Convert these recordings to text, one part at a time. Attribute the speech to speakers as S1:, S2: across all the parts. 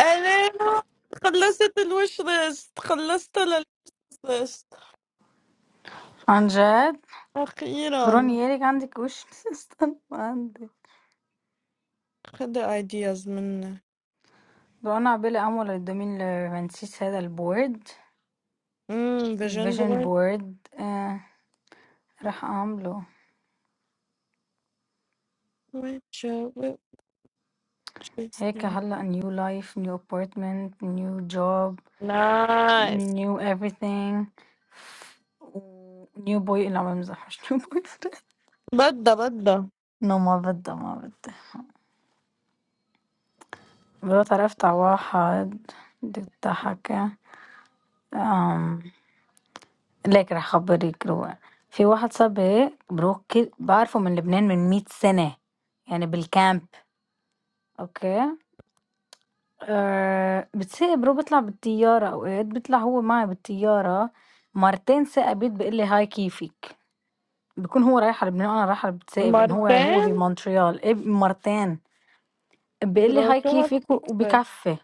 S1: أنا خلصت الوش ليست خلصت الوش ليست
S2: عن جد
S1: أخيرا
S2: بروني يارك عندك وش استنى عندي
S1: خد ideas منه
S2: رنا عبالي أعمل الدومين لفانسيس هذا البورد
S1: امم فيجن
S2: الفيجن
S1: بوي
S2: بورد آه راح أعمله هيك هلا نيو لايف نيو ابارتمنت نيو جوب
S1: نايس
S2: نيو everything نيو بوي لا ما بمزح مش نيو بوي
S1: بدأ بدأ
S2: نو ما بدها ما بدها مرات عرفت على واحد بدك تضحك لكن راح اخبرك روقا في واحد صاحبي بروح كل- بعرفه من لبنان من 100 سنة يعني بالكامب اوكي أه بتسيق برو بيطلع بالطيارة اوقات بيطلع هو معي بالطيارة مرتين ساق بيت بيقول لي هاي كيفك بكون هو رايح على لبنان وانا رايحة على بتساقب لان هو هو
S1: مرتين
S2: بمونتريال إيه مرتين بيقول لي
S1: برو
S2: هاي
S1: شو
S2: كيفك و-
S1: هالسكسة
S2: وبكفي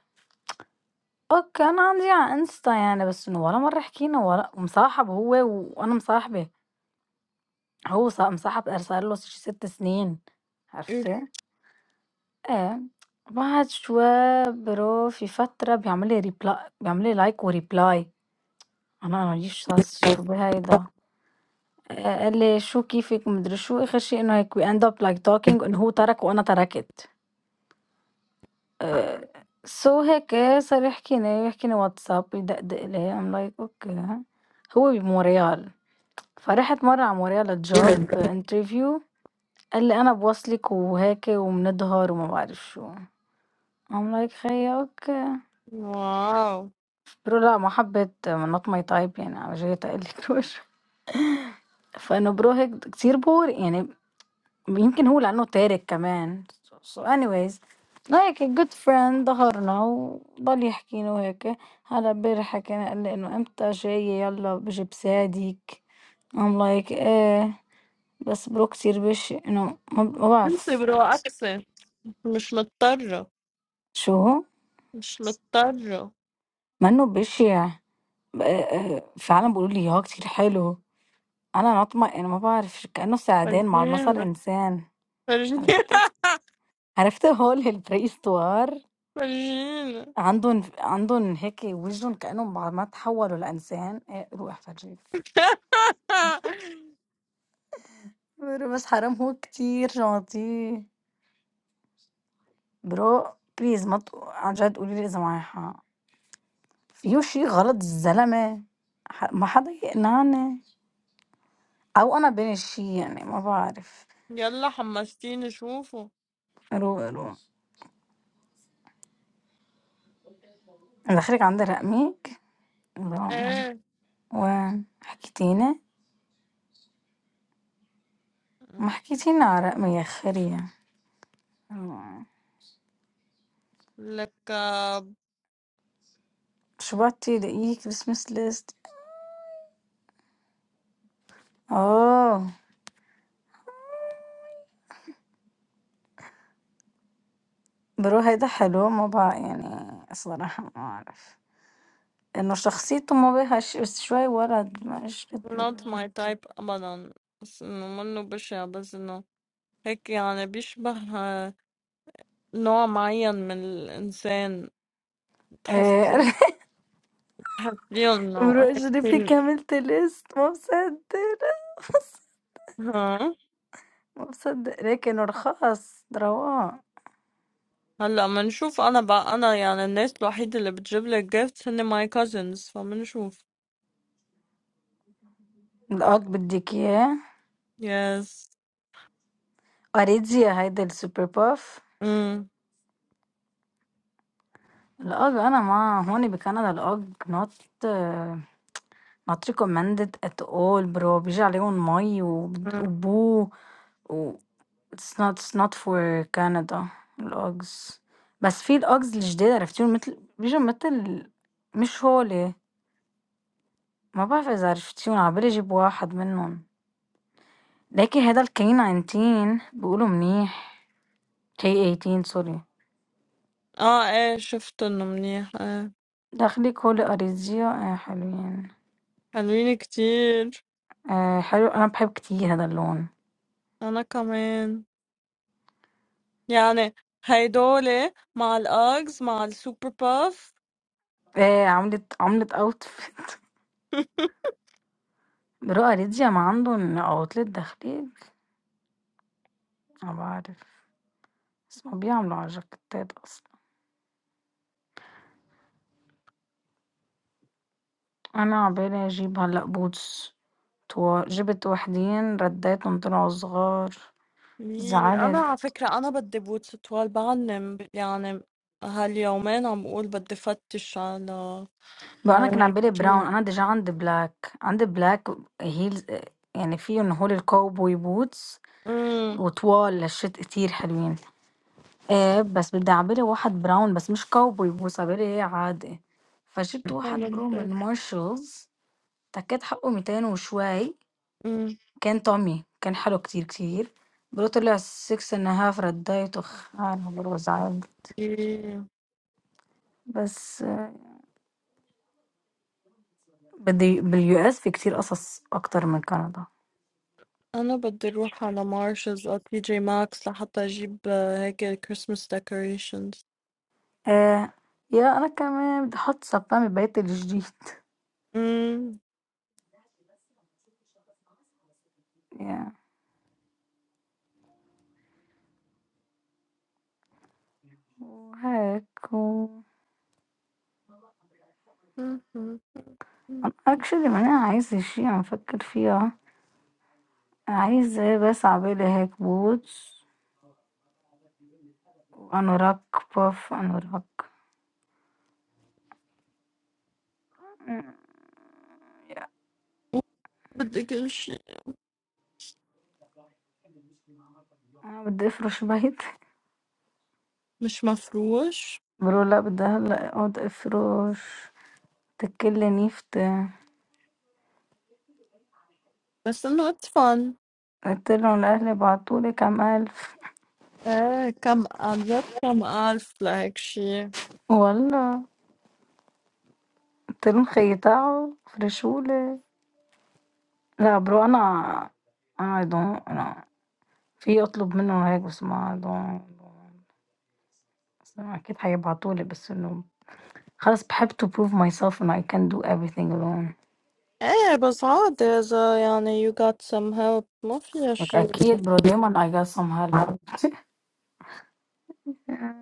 S2: اوكي انا عندي على انستا يعني بس انه ولا مرة حكينا ولا مصاحب هو وانا مصاحبة هو ص مصاحب أرسل له ش 6 سنين
S1: إيه.
S2: عرفتِ؟ آه، بعد شوية برو في فترة بيعمل لي reply بيعمل لي like وreply أنا ما ليش صاص شو بهيدا آآ، قال لي: "شو كيفك؟" وما أدري شو، آخر شي إنه هيك we end up like talking إنه هو ترك وأنا تركت آآ، so هيك صار يحكيني يحكيني واتساب يدقدق لي I'm like أوكي هو بمونريال، فرحت مرة على مونريال لjob interview قال لي: "أنا بواصلِك وهاكِ وبنضهر وما بعرفش و" I'm like خيّاك
S1: واو
S2: برو لا محبة not my type يعني أنا جاية أقلِّك الوش فأنا برو هيك كتير boring يعني يمكن هو لإنّه تارك كمان so anyways like a good friend ضهرنا وضل يحكي لي وهيك هلأ امبارح حكينا قال لي إنه إمتى جاية يلّا بجيب ساعدِك I'm like إيه بس برو كتير بشع إنه ما ما
S1: انسي
S2: بعرف
S1: برو أكسي مش مضطرة
S2: شو؟
S1: مش مضطرة
S2: منّو بشع. آه، آه، فعلا بيقولوا لي اه كتير حلو انا نطمة انا ما بعرفش كأنه سعدان مع المسار
S1: فرجينا
S2: انسان
S1: فرجينا
S2: عرفت عرفت هو البريستوار
S1: فرجينا
S2: عندهم عندهم هيك وجههم كأنهم بعد ما تحولوا لإنسان إيه، روح فرجيك برو بس حرام هو كتير جونتي برو بليز ما تق- عن جد قولي لي إذا معي حق فيه شي غلط الزلمة ح- ما حدا يقنعني أو أنا بين الشي يعني ما بعرف
S1: يلا حمستيني شوفه
S2: رو رو دخلك عندي رقمك
S1: ايه
S2: وحكيتينا ما حكيتينا عراء ما ياخري
S1: لك آه،
S2: شبعتي دقيق بس مسلست اه برو هيدا حلو ما بقى يعني صراحة ما أعرف إنه شخصيته ما بيهاش بس شوي ورد ما إيش قد
S1: not
S2: الولد.
S1: my type ابدا بس انه منه بشع بس انه هيك يعني بيشبه آه، نوع معين من الانسان تحس
S2: إيه،
S1: تحسيه انه
S2: برو أجري
S1: هيك-
S2: كملت ليست ما مصدق
S1: ها
S2: ما مصدق لكن رخاص رواق
S1: هلا منشوف انا بقى انا يعني الناس الوحيدة اللي بتجيب لك gifts هن my cousins فمنشوف
S2: الأج بدك إياه
S1: yes
S2: أريدزيا هيدا السوبر باف
S1: امم
S2: الأج أنا ما هون بكندا الأج نوت Not recommended at all برو بيجي عليهم مي وبد- وبو و it's not it's not for Canada الأجز بس في الأجز الجداد عرفتيهم مثل بيجوا مثل مش هولي ما بعرف إذا عرفتيهم عبالي أجيب واحد منهم لكن هذا الكين عينتين بيقولوا منيح كي 18 سوري
S1: اه ايه شفت انه منيح ايه
S2: داخلك هولي أريزيا آه حلوين
S1: حلوين كتير
S2: آه حلو أنا بحب كتير هذا اللون
S1: انا كمان يعني هيدول مع الأجز مع السوبر باف
S2: آه عملت عملت أوتفيت برو أريزيا ما عندهم أوتلت داخلية أنا باعرف، بس هُم بيعملوا على جاكيتات أصلًا، أنا عقبالي أجيب هلأ boots طوا جِبت وحدين ردّاهم طلعوا صغار،
S1: مي- أنا
S2: زعلت
S1: على فكرة أنا بدي بوتس طوال بعلم ب- يعني هاليومين عم بقول بدي فتش على
S2: بقى أنا
S1: على
S2: كان
S1: هيك
S2: عقبالي
S1: شي.
S2: brown أنا déjà عندي black عندي black heels آآ يعني فيهم هول الcowboy boots
S1: أمم
S2: وطوال لشّيت كتير حلوين، آآ بس بدي عقبالي واحد brown بس مش cowboy boots عقبالي إيه عادي، فجِبت واحد
S1: أنا
S2: برو
S1: بدي
S2: من Marshalls، ده كان حقّه 200 وشوي
S1: أمم
S2: كان طعمي كان حلو كتير كتير برضه طلع six and a half رد دايت وخانه برضه زعل
S1: إيه.
S2: بس آه، بدي باليو اس في كتير قصص أكتر من كندا
S1: أنا بدي أروح على مارشز أو تي جي ماكس لحتى أجيب آه، هيك كريسمس ديكوريشنز
S2: آه يا أنا كمان بدي أحط سبامي بيت الجديد
S1: أمم
S2: يا وهيك و
S1: أمم، أمم، أمم.
S2: أنا actually ما أنا عايزة شي عم فكر فيها عايزة بس عبالي هيك بوتس وأنوراك باف أنوراك
S1: بدي كل شي
S2: أنا بدي أفرش بيت
S1: مش مفروش
S2: بقولوا لا بدي هلا اقعد افرش تكل نيفت
S1: بس إنه it's fun
S2: قلتلن الأهل بعتولي كام ألف
S1: ايه كم ألف كم ألف لهيك شي
S2: والله قلتلن خيطاعوا فرشولي لا برو أنا أعدون أنا في أطلب منهم هيك بس ما أعدون بس أنا أكيد هيبعتولي بس إنه خلاص بحب to prove myself and I can do everything alone
S1: ايه بس عادي إذا يعني you got some help ما فيها
S2: like
S1: شي
S2: أكيد برو دايما I got some help حبيبتي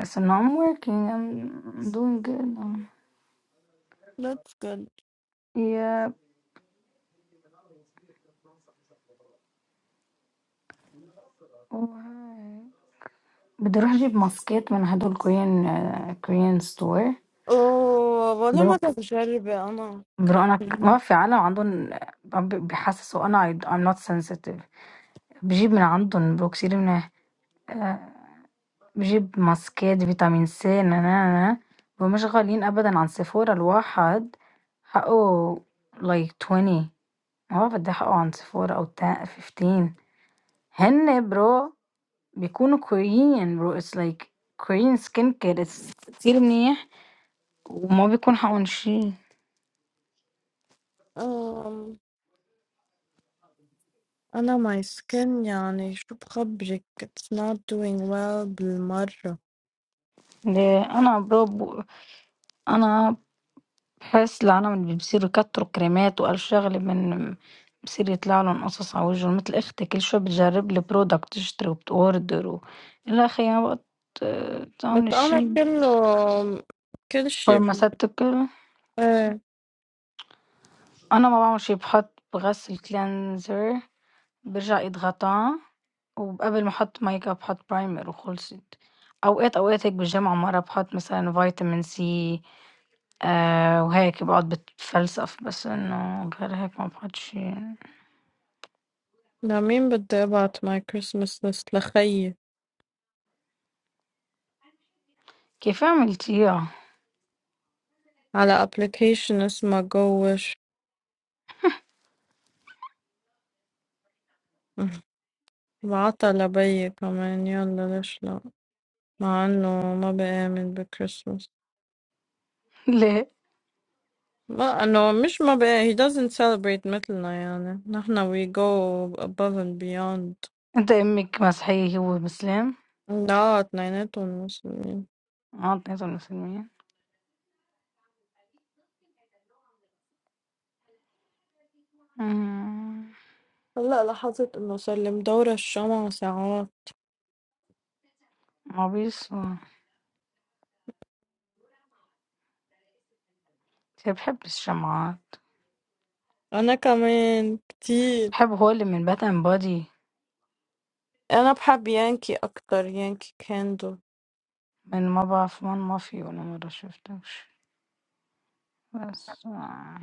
S2: بس إنه I'm working I'm doing good
S1: that's good
S2: yeah oh, hi. بتروح اجيب ماسكات من هدول كوريان آه، كوريان ستور
S1: اوه ولا
S2: بروك
S1: مرة بجربة أنا
S2: برو
S1: كر-
S2: انا ك- ما في عالم عندهم آه، ب- بيحسسوا انا I- I'm not sensitive بجيب من عندهم برو كتير منيح آه، بجيب ماسكات فيتامين سي نا نا نا ومش غاليين ابدا عن سيفورا الواحد حقه like 20 ما بدي حقه عن سيفورا او تا- 15 هن برو بيكونوا كوريين برو it's like Korean skincare it's كتير منيح وما بيكون حق من شيء
S1: أم، أنا my skin يعني شو بخبرك it's not doing well بالمرة
S2: ليه انا برب انا بحس العالم اللي بيصيروا يكتروا كريمات والف شغله من بصير يطلع لهم قصص على وجههم مثل اختي كل شوي بتجرب لي برودكت تشتري وبتوردر و... الى اخي ما بقى ت-
S1: بس
S2: تعمل
S1: أنا
S2: شيء
S1: كله كل شي ب...
S2: فارماسيتيكال
S1: ايه
S2: انا ما بعمل شيء بحط بغسل كلينزر برجع ايد غطا وقبل ما احط ميك اب بحط برايمر وخلصت اوقات اوقات هيك بالجامعه مره بحط مثلا فيتامين سي آآ وهيك باقعد باتفلسف بس إنه قال هيك ما باقعدش
S1: لمين بدي أبعت my Christmas list لخيي
S2: كيف عملتيها؟
S1: على application اسمها جوش وعطل بي كمان يلا ليش لا مع انه ما بآمن بكريسماس
S2: ليه؟
S1: ما انه مش ما بقى he doesn't celebrate مثلنا يعني نحنا we go above and beyond
S2: أنت أمِّك مسيحية هو مسلم؟
S1: لا اتنيناتهم مسلمين
S2: آه اتنيناتهم مسلمين؟ إمم،
S1: هلا لاحظت انه صار لي مدورة الشمع ساعات
S2: عبيص هو. بس هي بتحب الشمعات،
S1: انا كمان كتير
S2: بحب هو اللي من Bad and Body
S1: انا بحب يانكي اكتر يانكي كاندو
S2: من ما باعرف من ما في ولا مرة شفتوش بس آه،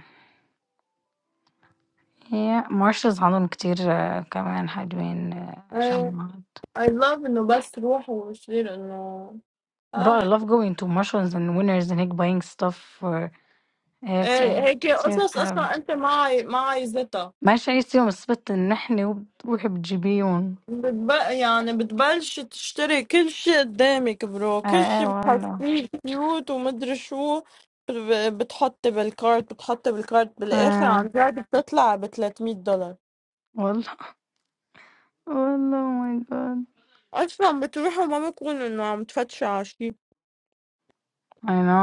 S2: هي Marshalls عندهم كتير آه، كمان حلوين آه،
S1: I
S2: شمعات.
S1: I love انه بس روح ويصير انه
S2: But
S1: اه
S2: I love going to Marshalls and Winners and هيك buying stuff هيك
S1: إيه، هيك
S2: كتير
S1: قصص
S2: حلو
S1: اصلا انت معي معي زيتها
S2: ماشي أي يوم السبت نحن وبتروحي بتجيبيهم
S1: بتب... يعني بتبلش تشتري كل شيء قدامك برو
S2: اه
S1: كل
S2: اه
S1: شيء
S2: والله
S1: بتحسيه كيوت ومدري شو ب- بتحطي بالكارت بتحطي بالكارت بالاخر عن
S2: اه
S1: جد بتطلع ب 300 دولار
S2: والله والله أو ماي جاد
S1: اصلا بتروحوا ما بكون انه عم تفتشوا على شيء
S2: اي نو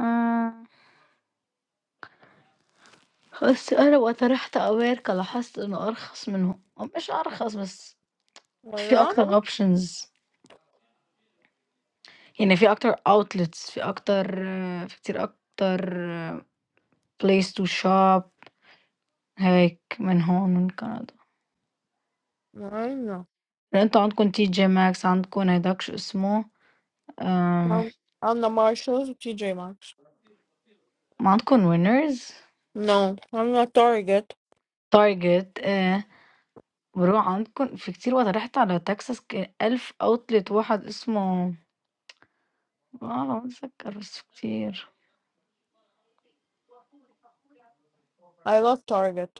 S2: اه بس أنا وقت رحت أمريكا لاحظت إنه أرخص منهم أو مش أرخص بس في
S1: ولا
S2: أكتر أوبشنز يعني في أكتر أوتلتس في أكتر آه، في كتير أكتر بليس تو شوب هيك من هون من كندا
S1: عنا
S2: لأن انتوا عندكم تي جي ماكس عندكم هيداك شو اسمه إيه،
S1: عنا مارشلز وتي جي ماكس
S2: ما عندكم وينرز
S1: نو عنا تارجت
S2: تارجت آه. بروح عندكم في كتير وقت رحت على تكساس ك- ألف أوتلت واحد اسمه اه ما بتذكر بس كتير
S1: I love تارجت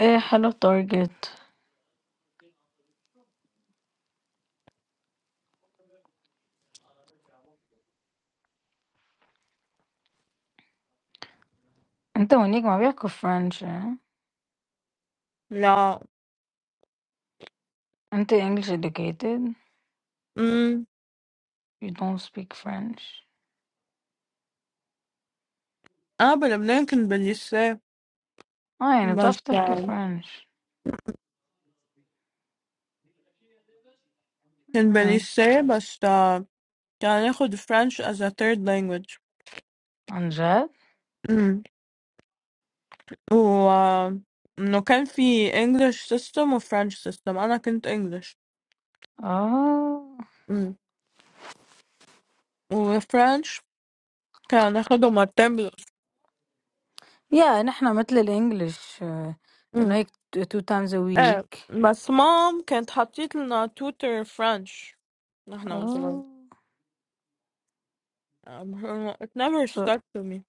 S2: ايه حلو تارجت انت ونيك ما بيحكوا فرنش اه؟
S1: لا
S2: انت English educated
S1: امم
S2: you don't speak French
S1: اه بلبنان كنت بالليسيه
S2: اه يعني
S1: بس
S2: بتعرف تحكي فرنش
S1: كنت
S2: اه.
S1: بالليسيه بس كان هناخد French as a third language
S2: عن جد
S1: امم و انه كان في English system و French system انا كنت English
S2: اه
S1: امم و French كان هناخده مرتين بالأسبوع
S2: يا نحنا مثل الانجليش انه
S1: امم
S2: هيك two times a
S1: ايه
S2: week
S1: بس مام كانت حطيت لنا tutor French نحن وصغار
S2: اه
S1: Um, it never
S2: So
S1: stuck to me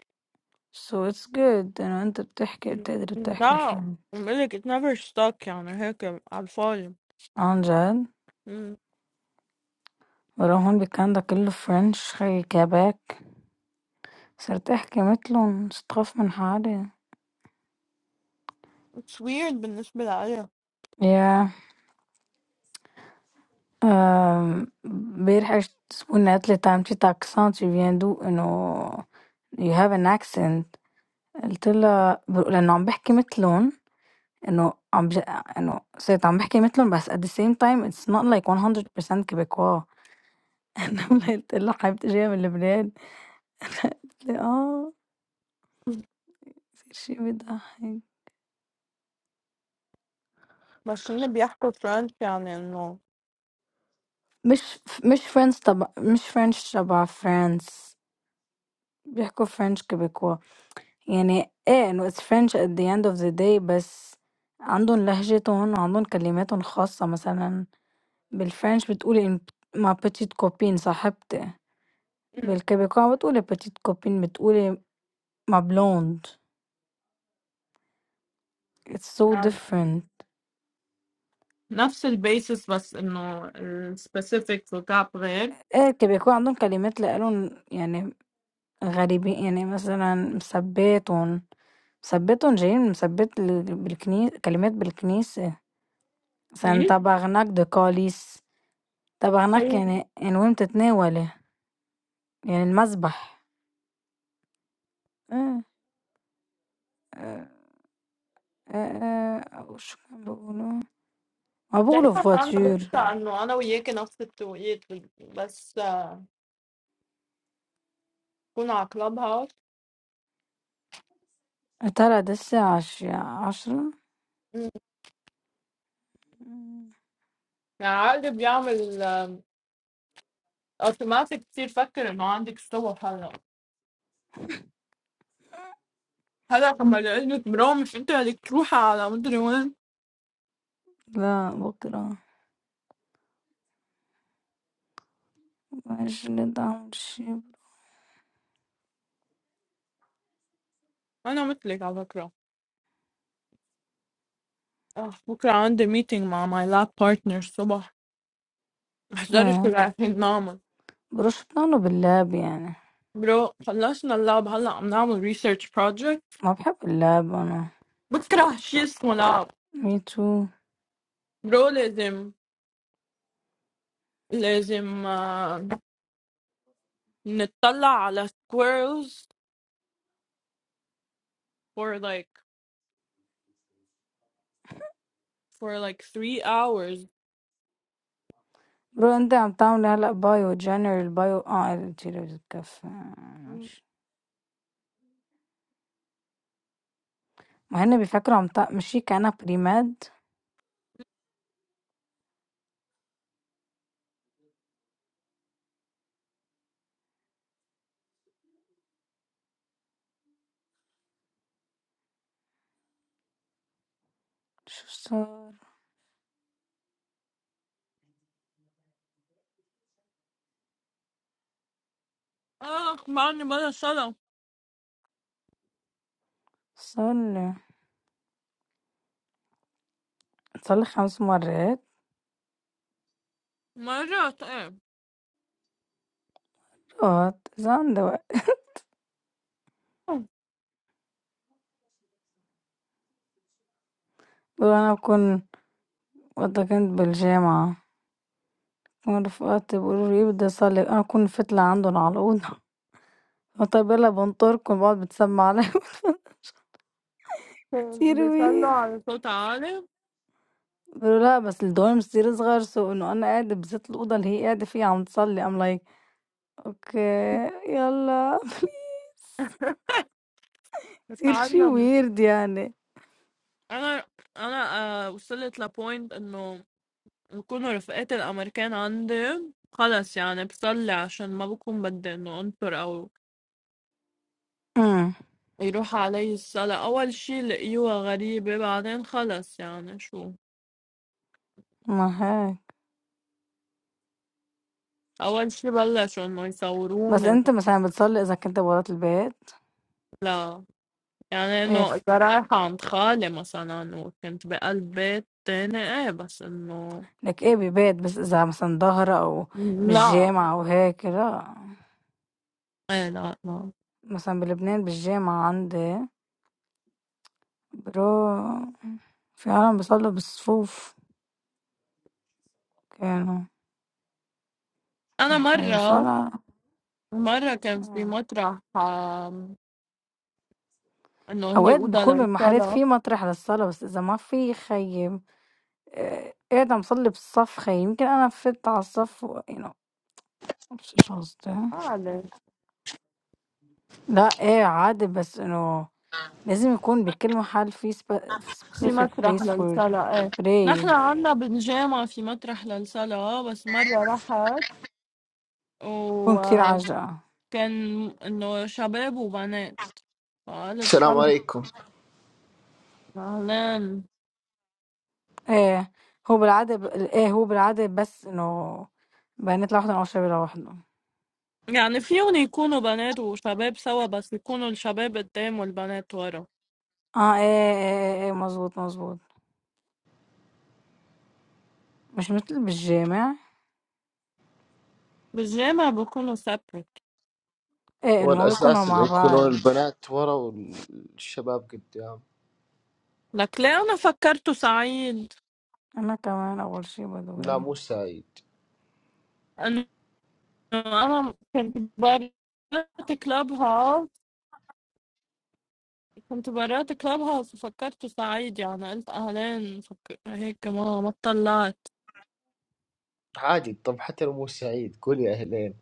S2: So it's good انه انت بتحكي
S1: Mm,
S2: بتقدر تحكي
S1: لا
S2: فرنش
S1: بقولك it never stuck يعني هيك على الفاضي
S2: عن جد
S1: مم.
S2: ولو هون بكندا كله فرنش خي كيباك صرت احكي مثلهم صرت اخاف من حالي
S1: it's weird بالنسبة لإلي
S2: يا امبارح اجت زبونة قالت لي تعمل شي تاكسون tu viens d'où انه you have an accent قلت لها ب- لانه عم بحكي مثلهم انه عم بج... انه صرت عم بحكي مثلهم بس at the same time it's not like 100% كيبيكوا انا قلت لها حبيبتي جايه من لبنان قالت لي اه
S1: Mm.
S2: شي بيضحك
S1: بس اللي بيحكوا فرنش يعني انه
S2: مش مش فرنش تبع مش فرنش تبع فرانس بيحكوا فرنش كيبيكوا يعني ايه انه it's French at the end of the day بس عندهم لهجتهم وعندهم كلماتهم الخاصة مثلا بالفرنش بتقولي إن- ما بتيت كوبين صاحبتي بالكيبيكوا بتقولي بتيت كوبين بتقولي ما بلوند it's so
S1: Mm.
S2: different
S1: نفس البيسس بس انه السبيسيفيكس والتعب غير
S2: ايه الكيبيكوا عندهم كلمات لإلهم يعني غريبين يعني مثلا مثباتهم ثبّتهم جايين مثبّت ال بالكني كلمات بالكنيسة،
S1: في
S2: سنتبهناك بقاليس، تبهناك
S1: هي
S2: يعني يعني وهي متتناوله، يعني المسبح، آه، آآ آآ وش كان باقوله؟ هو باقوله
S1: دايما انا
S2: voiture
S1: بنسى انه انا وياكي نفس التوقيت بس آه، كون على كلاب هاوس
S2: ترى ده الساعة عش 10:00
S1: مم.
S2: إمم،
S1: يعني عقلي بيعمل اوتوماتيك كتير فكر انه عندك صوت هلا هلا لما يقول لك برام مش انت بدك تروحي على مدري وين
S2: لأ بكرة عشرة
S1: انا مثلك على فكره اه بكره عندي ميتينج مع ماي لاب بارتنر الصبح احضري شو
S2: آه،
S1: رايحين نعمل
S2: بيرشطنوا باللعب يعني،
S1: برو خلصنا اللاب هلا عم نعمل ريسيرش project
S2: ما باحب اللعب أنا
S1: بكره شيء اسمه لعب
S2: me too.
S1: برو لازم لازم آه، نتطلع على squirrels for like for like three hours
S2: برو انت عم تعمل هلا بايو جنرال بايو اه الجيرو بتكفي ماشي. وهن بيفكروا عم تق... مش هي كأنها بريماد شو صار
S1: اخ ما عندي بلا صلاة
S2: صار لي صار لي خمس مرات
S1: مرة ايه
S2: رفقات إذا عندي وقت بقول أنا بكون وقتها كنت بالجامعة بكون رفقاتي بيقولوا لي بدي أصلي أنا بكون فت لعندهم على الأوضة طيب يلا بنطركم بقعد بتسمع عليهم كتير
S1: بيصلوا
S2: وير
S1: على صوت عالي
S2: بيقولوا لا بس الدورم كتير صغار سو إنه أنا قاعدة بزت الأوضة اللي هي قاعدة فيها عم تصلي أم أوكي يالّا please كتير شي
S1: بتعلم
S2: weird يعني.
S1: انا انا آه، وصلت لبوينت انه يكونوا رفقاتي الامريكان عندي خلص يعني بصلي عشان ما بكون بدي انه انطر او
S2: إمم،
S1: يروح عليه الصلاة أول شي لقيوها غريبة بعدين خلص يعني شو
S2: معاك.
S1: أول شي بلشوا إنه
S2: بس
S1: يصوروني
S2: أنت مثلًا بتصلّي إذا كنت برّة البيت؟
S1: لا يعني
S2: إيه
S1: إنه
S2: ف
S1: إذا رايحة عند خالي مثلا وكنت بقلب بيت تاني إيه بس إنه
S2: لك إيه ببيت، بس إذا مثلًا ضهرة أو
S1: لا
S2: بالجامعة أو هيك لأ،
S1: إيه لا لا
S2: مثلًا بلبنان بالجامعة عندي بيروح في عالم بيصلّوا بالصفوف كانوا
S1: أنا
S2: ياخي
S1: مرة
S2: وصلاة
S1: مرة كان في
S2: آه،
S1: مطرح آم، إنه هي
S2: أوقات
S1: أوضة
S2: بيكون بالمحلات
S1: للصلاة
S2: في مطرح للصلاة، بس إذا ما في ياخيي آه، قاعدة مصلي بالصف خي يمكن أنا فت على الصف و... يعني مش قصدي
S1: أعلم
S2: لا ايه عادي بس انه لازم يكون بكل محل في, سب... في
S1: في
S2: specific
S1: مطرح
S2: place for
S1: للصلاة إيه نحن
S2: pray
S1: عنا بالجامعة في مطرح للصلاة بس مرة رحت
S2: يكون كتير
S1: وكان
S2: عجقة
S1: إنه شباب وبنات فقالت
S3: السلام
S1: خلص
S3: عليكم
S1: أهلين
S2: ايه هو بالعادة ب... ايه هو بالعادة بس انه بنات لوحدهم أو شباب لوحدهم
S1: يعني فيهم يكونوا بنات وشباب سوا بس يكونوا الشباب قدام والبنات ورا
S2: اه ايه ايه ايه, إيه مزبوط مزبوط مش مثل بالجامع
S1: بالجامع بيكونوا سبريت
S2: ايه
S3: هو
S2: انه ما بيكونوا
S3: الأساس اللي
S2: مع بعض
S3: يكونون البنات ورا والشباب قدام
S1: لك ليه أنا فكرته سعيد
S2: انا كمان اول شي بدو
S3: لا
S2: إيه.
S3: مو سعيد
S1: إنه أنا كنت برات كلاب هاوس كنت برات كلاب هاوس وفكرته سعيد يعني قلت أهلين فك... هيك ما ما طلعت
S3: عادي طب حتى لو مو سعيد قول يا أهلين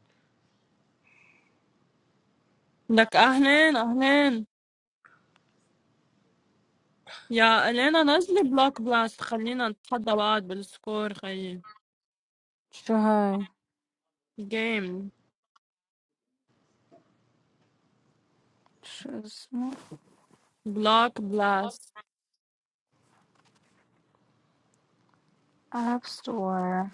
S1: لك أهلين أهلين يا الينا نزلي بلاك بلاست خلينا نتحدى بعض بالسكور خيي
S2: شو هاي
S1: جيم
S2: شو اسمه
S1: بلاك بلاست
S2: اب ستور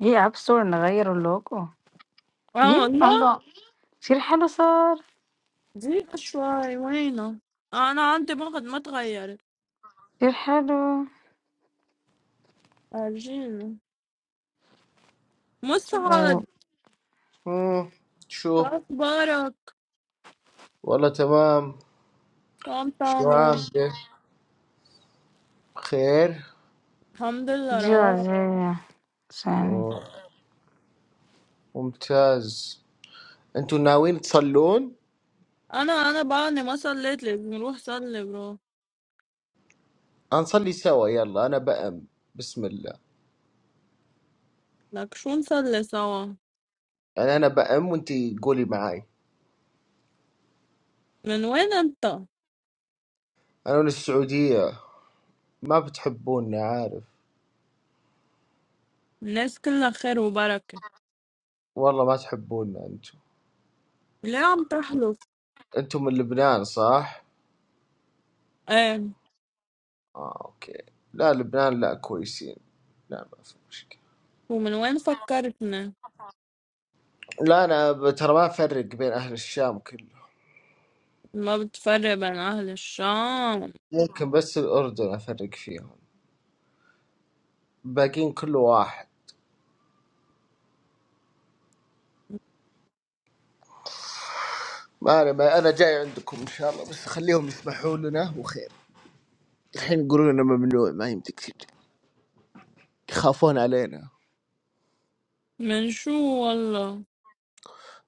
S2: ايه اب ستور نغير اللوجو
S1: اه
S2: ايه
S1: لا
S2: الله كتير حلو صار
S1: دقيقة شوي وينه انا عندي مخد ما تغيرت
S2: كتير حلو
S1: ارجينا مسعد
S2: وجا
S3: مم.
S1: شو
S3: شو
S1: اخبارك
S3: والله تمام
S1: شو عم
S3: شو
S1: تعمل
S3: عامله بخير
S1: الحمد لله روح
S2: جاية ثانية
S3: مم. ممتاز أنتوا ناويين تصلون
S1: انا انا بعدني ما صليت لازم نروح صلي برو
S3: هنصلي سوا يلا أنا بأم بسم الله
S1: لك شو نصلي سوا
S3: يعني أنا بأم وأنتي قولي معاي
S1: من وين انت
S3: أنا من السعودية ما بتحبونا عارف
S1: الناس كلها خير وبركة
S3: والله ما تحبونا أنتوا
S1: ليه عم تحلف
S3: أنتم من لبنان صح؟
S1: ايه
S3: آه أوكي لا لبنان لا كويسين لا ما في مشكلة
S1: ومن وين فكرتنا
S3: لا أنا ب- ترى ما أفرق بين أهل الشام كله
S1: ما بتفرق بين أهل الشام
S3: ممكن بس الأردن أفرق فيهم باقيين كله واحد ما أنا ما أنا جاي عندكم إن شاء الله بس خليهم يسمحوا لنا وخير الحين يقولون لنا ممنوع ما يمديك تجي يخافون علينا
S1: من شو والله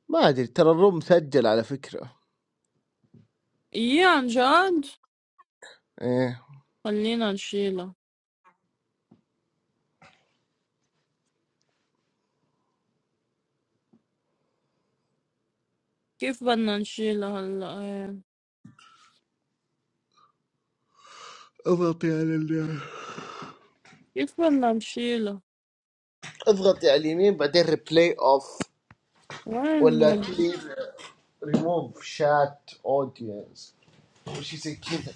S3: ما أدري ترى الروم مسجل على فكرة
S1: إيه عن جد
S3: إيه
S1: خلينا نشيله كيف بدنا نشيله هلا إيه.
S3: اضغطي على ال
S1: كيف بدنا نشيله
S3: اضغطي على اليمين بعدين ريبلاي أوف
S1: وين يا
S3: ولا
S1: ابن
S3: كلير ريموف شات أودينس وشي زي كذا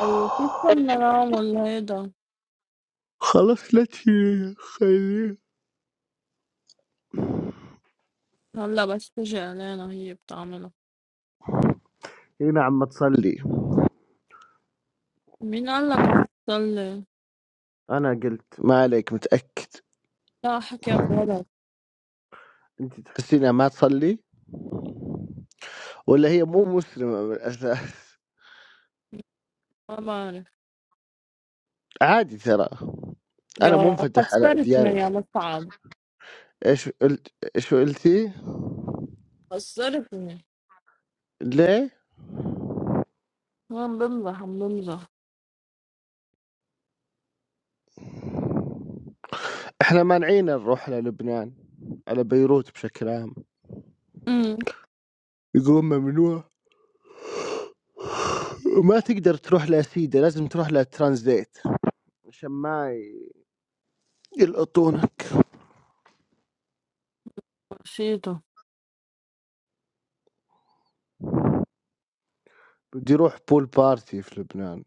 S1: الخيو؟ كيف بدنا نعمل هيدا
S3: خلاص لا تشيليها خليها
S1: هلا بس تجي علينا هي بتعمله
S3: هنا عم تصلي
S1: مين قال لك عم تصلي
S3: انا قلت ما عليك متاكد
S1: لا حكيك غلط
S3: انت تحسينها ما تصلي ولا هي مو مسلمه من الاساس
S1: ما بعرف
S3: عادي ترى انا
S1: يا
S3: منفتح على
S1: خسرتني
S3: اديان
S1: يا مصعب
S3: ايش قلت ايش قلتي
S1: خسرتني
S3: ليه
S1: عم بمزح عم بمزح
S3: احنا مانعين نروح للبنان على بيروت بشكل عام
S1: امم
S3: يقولون ممنوع ما تقدر تروح لسيدة لازم تروح لترانزيت عشان ما ي- يلقطونك
S1: نسيته
S3: بدي اروح بول بارتي في لبنان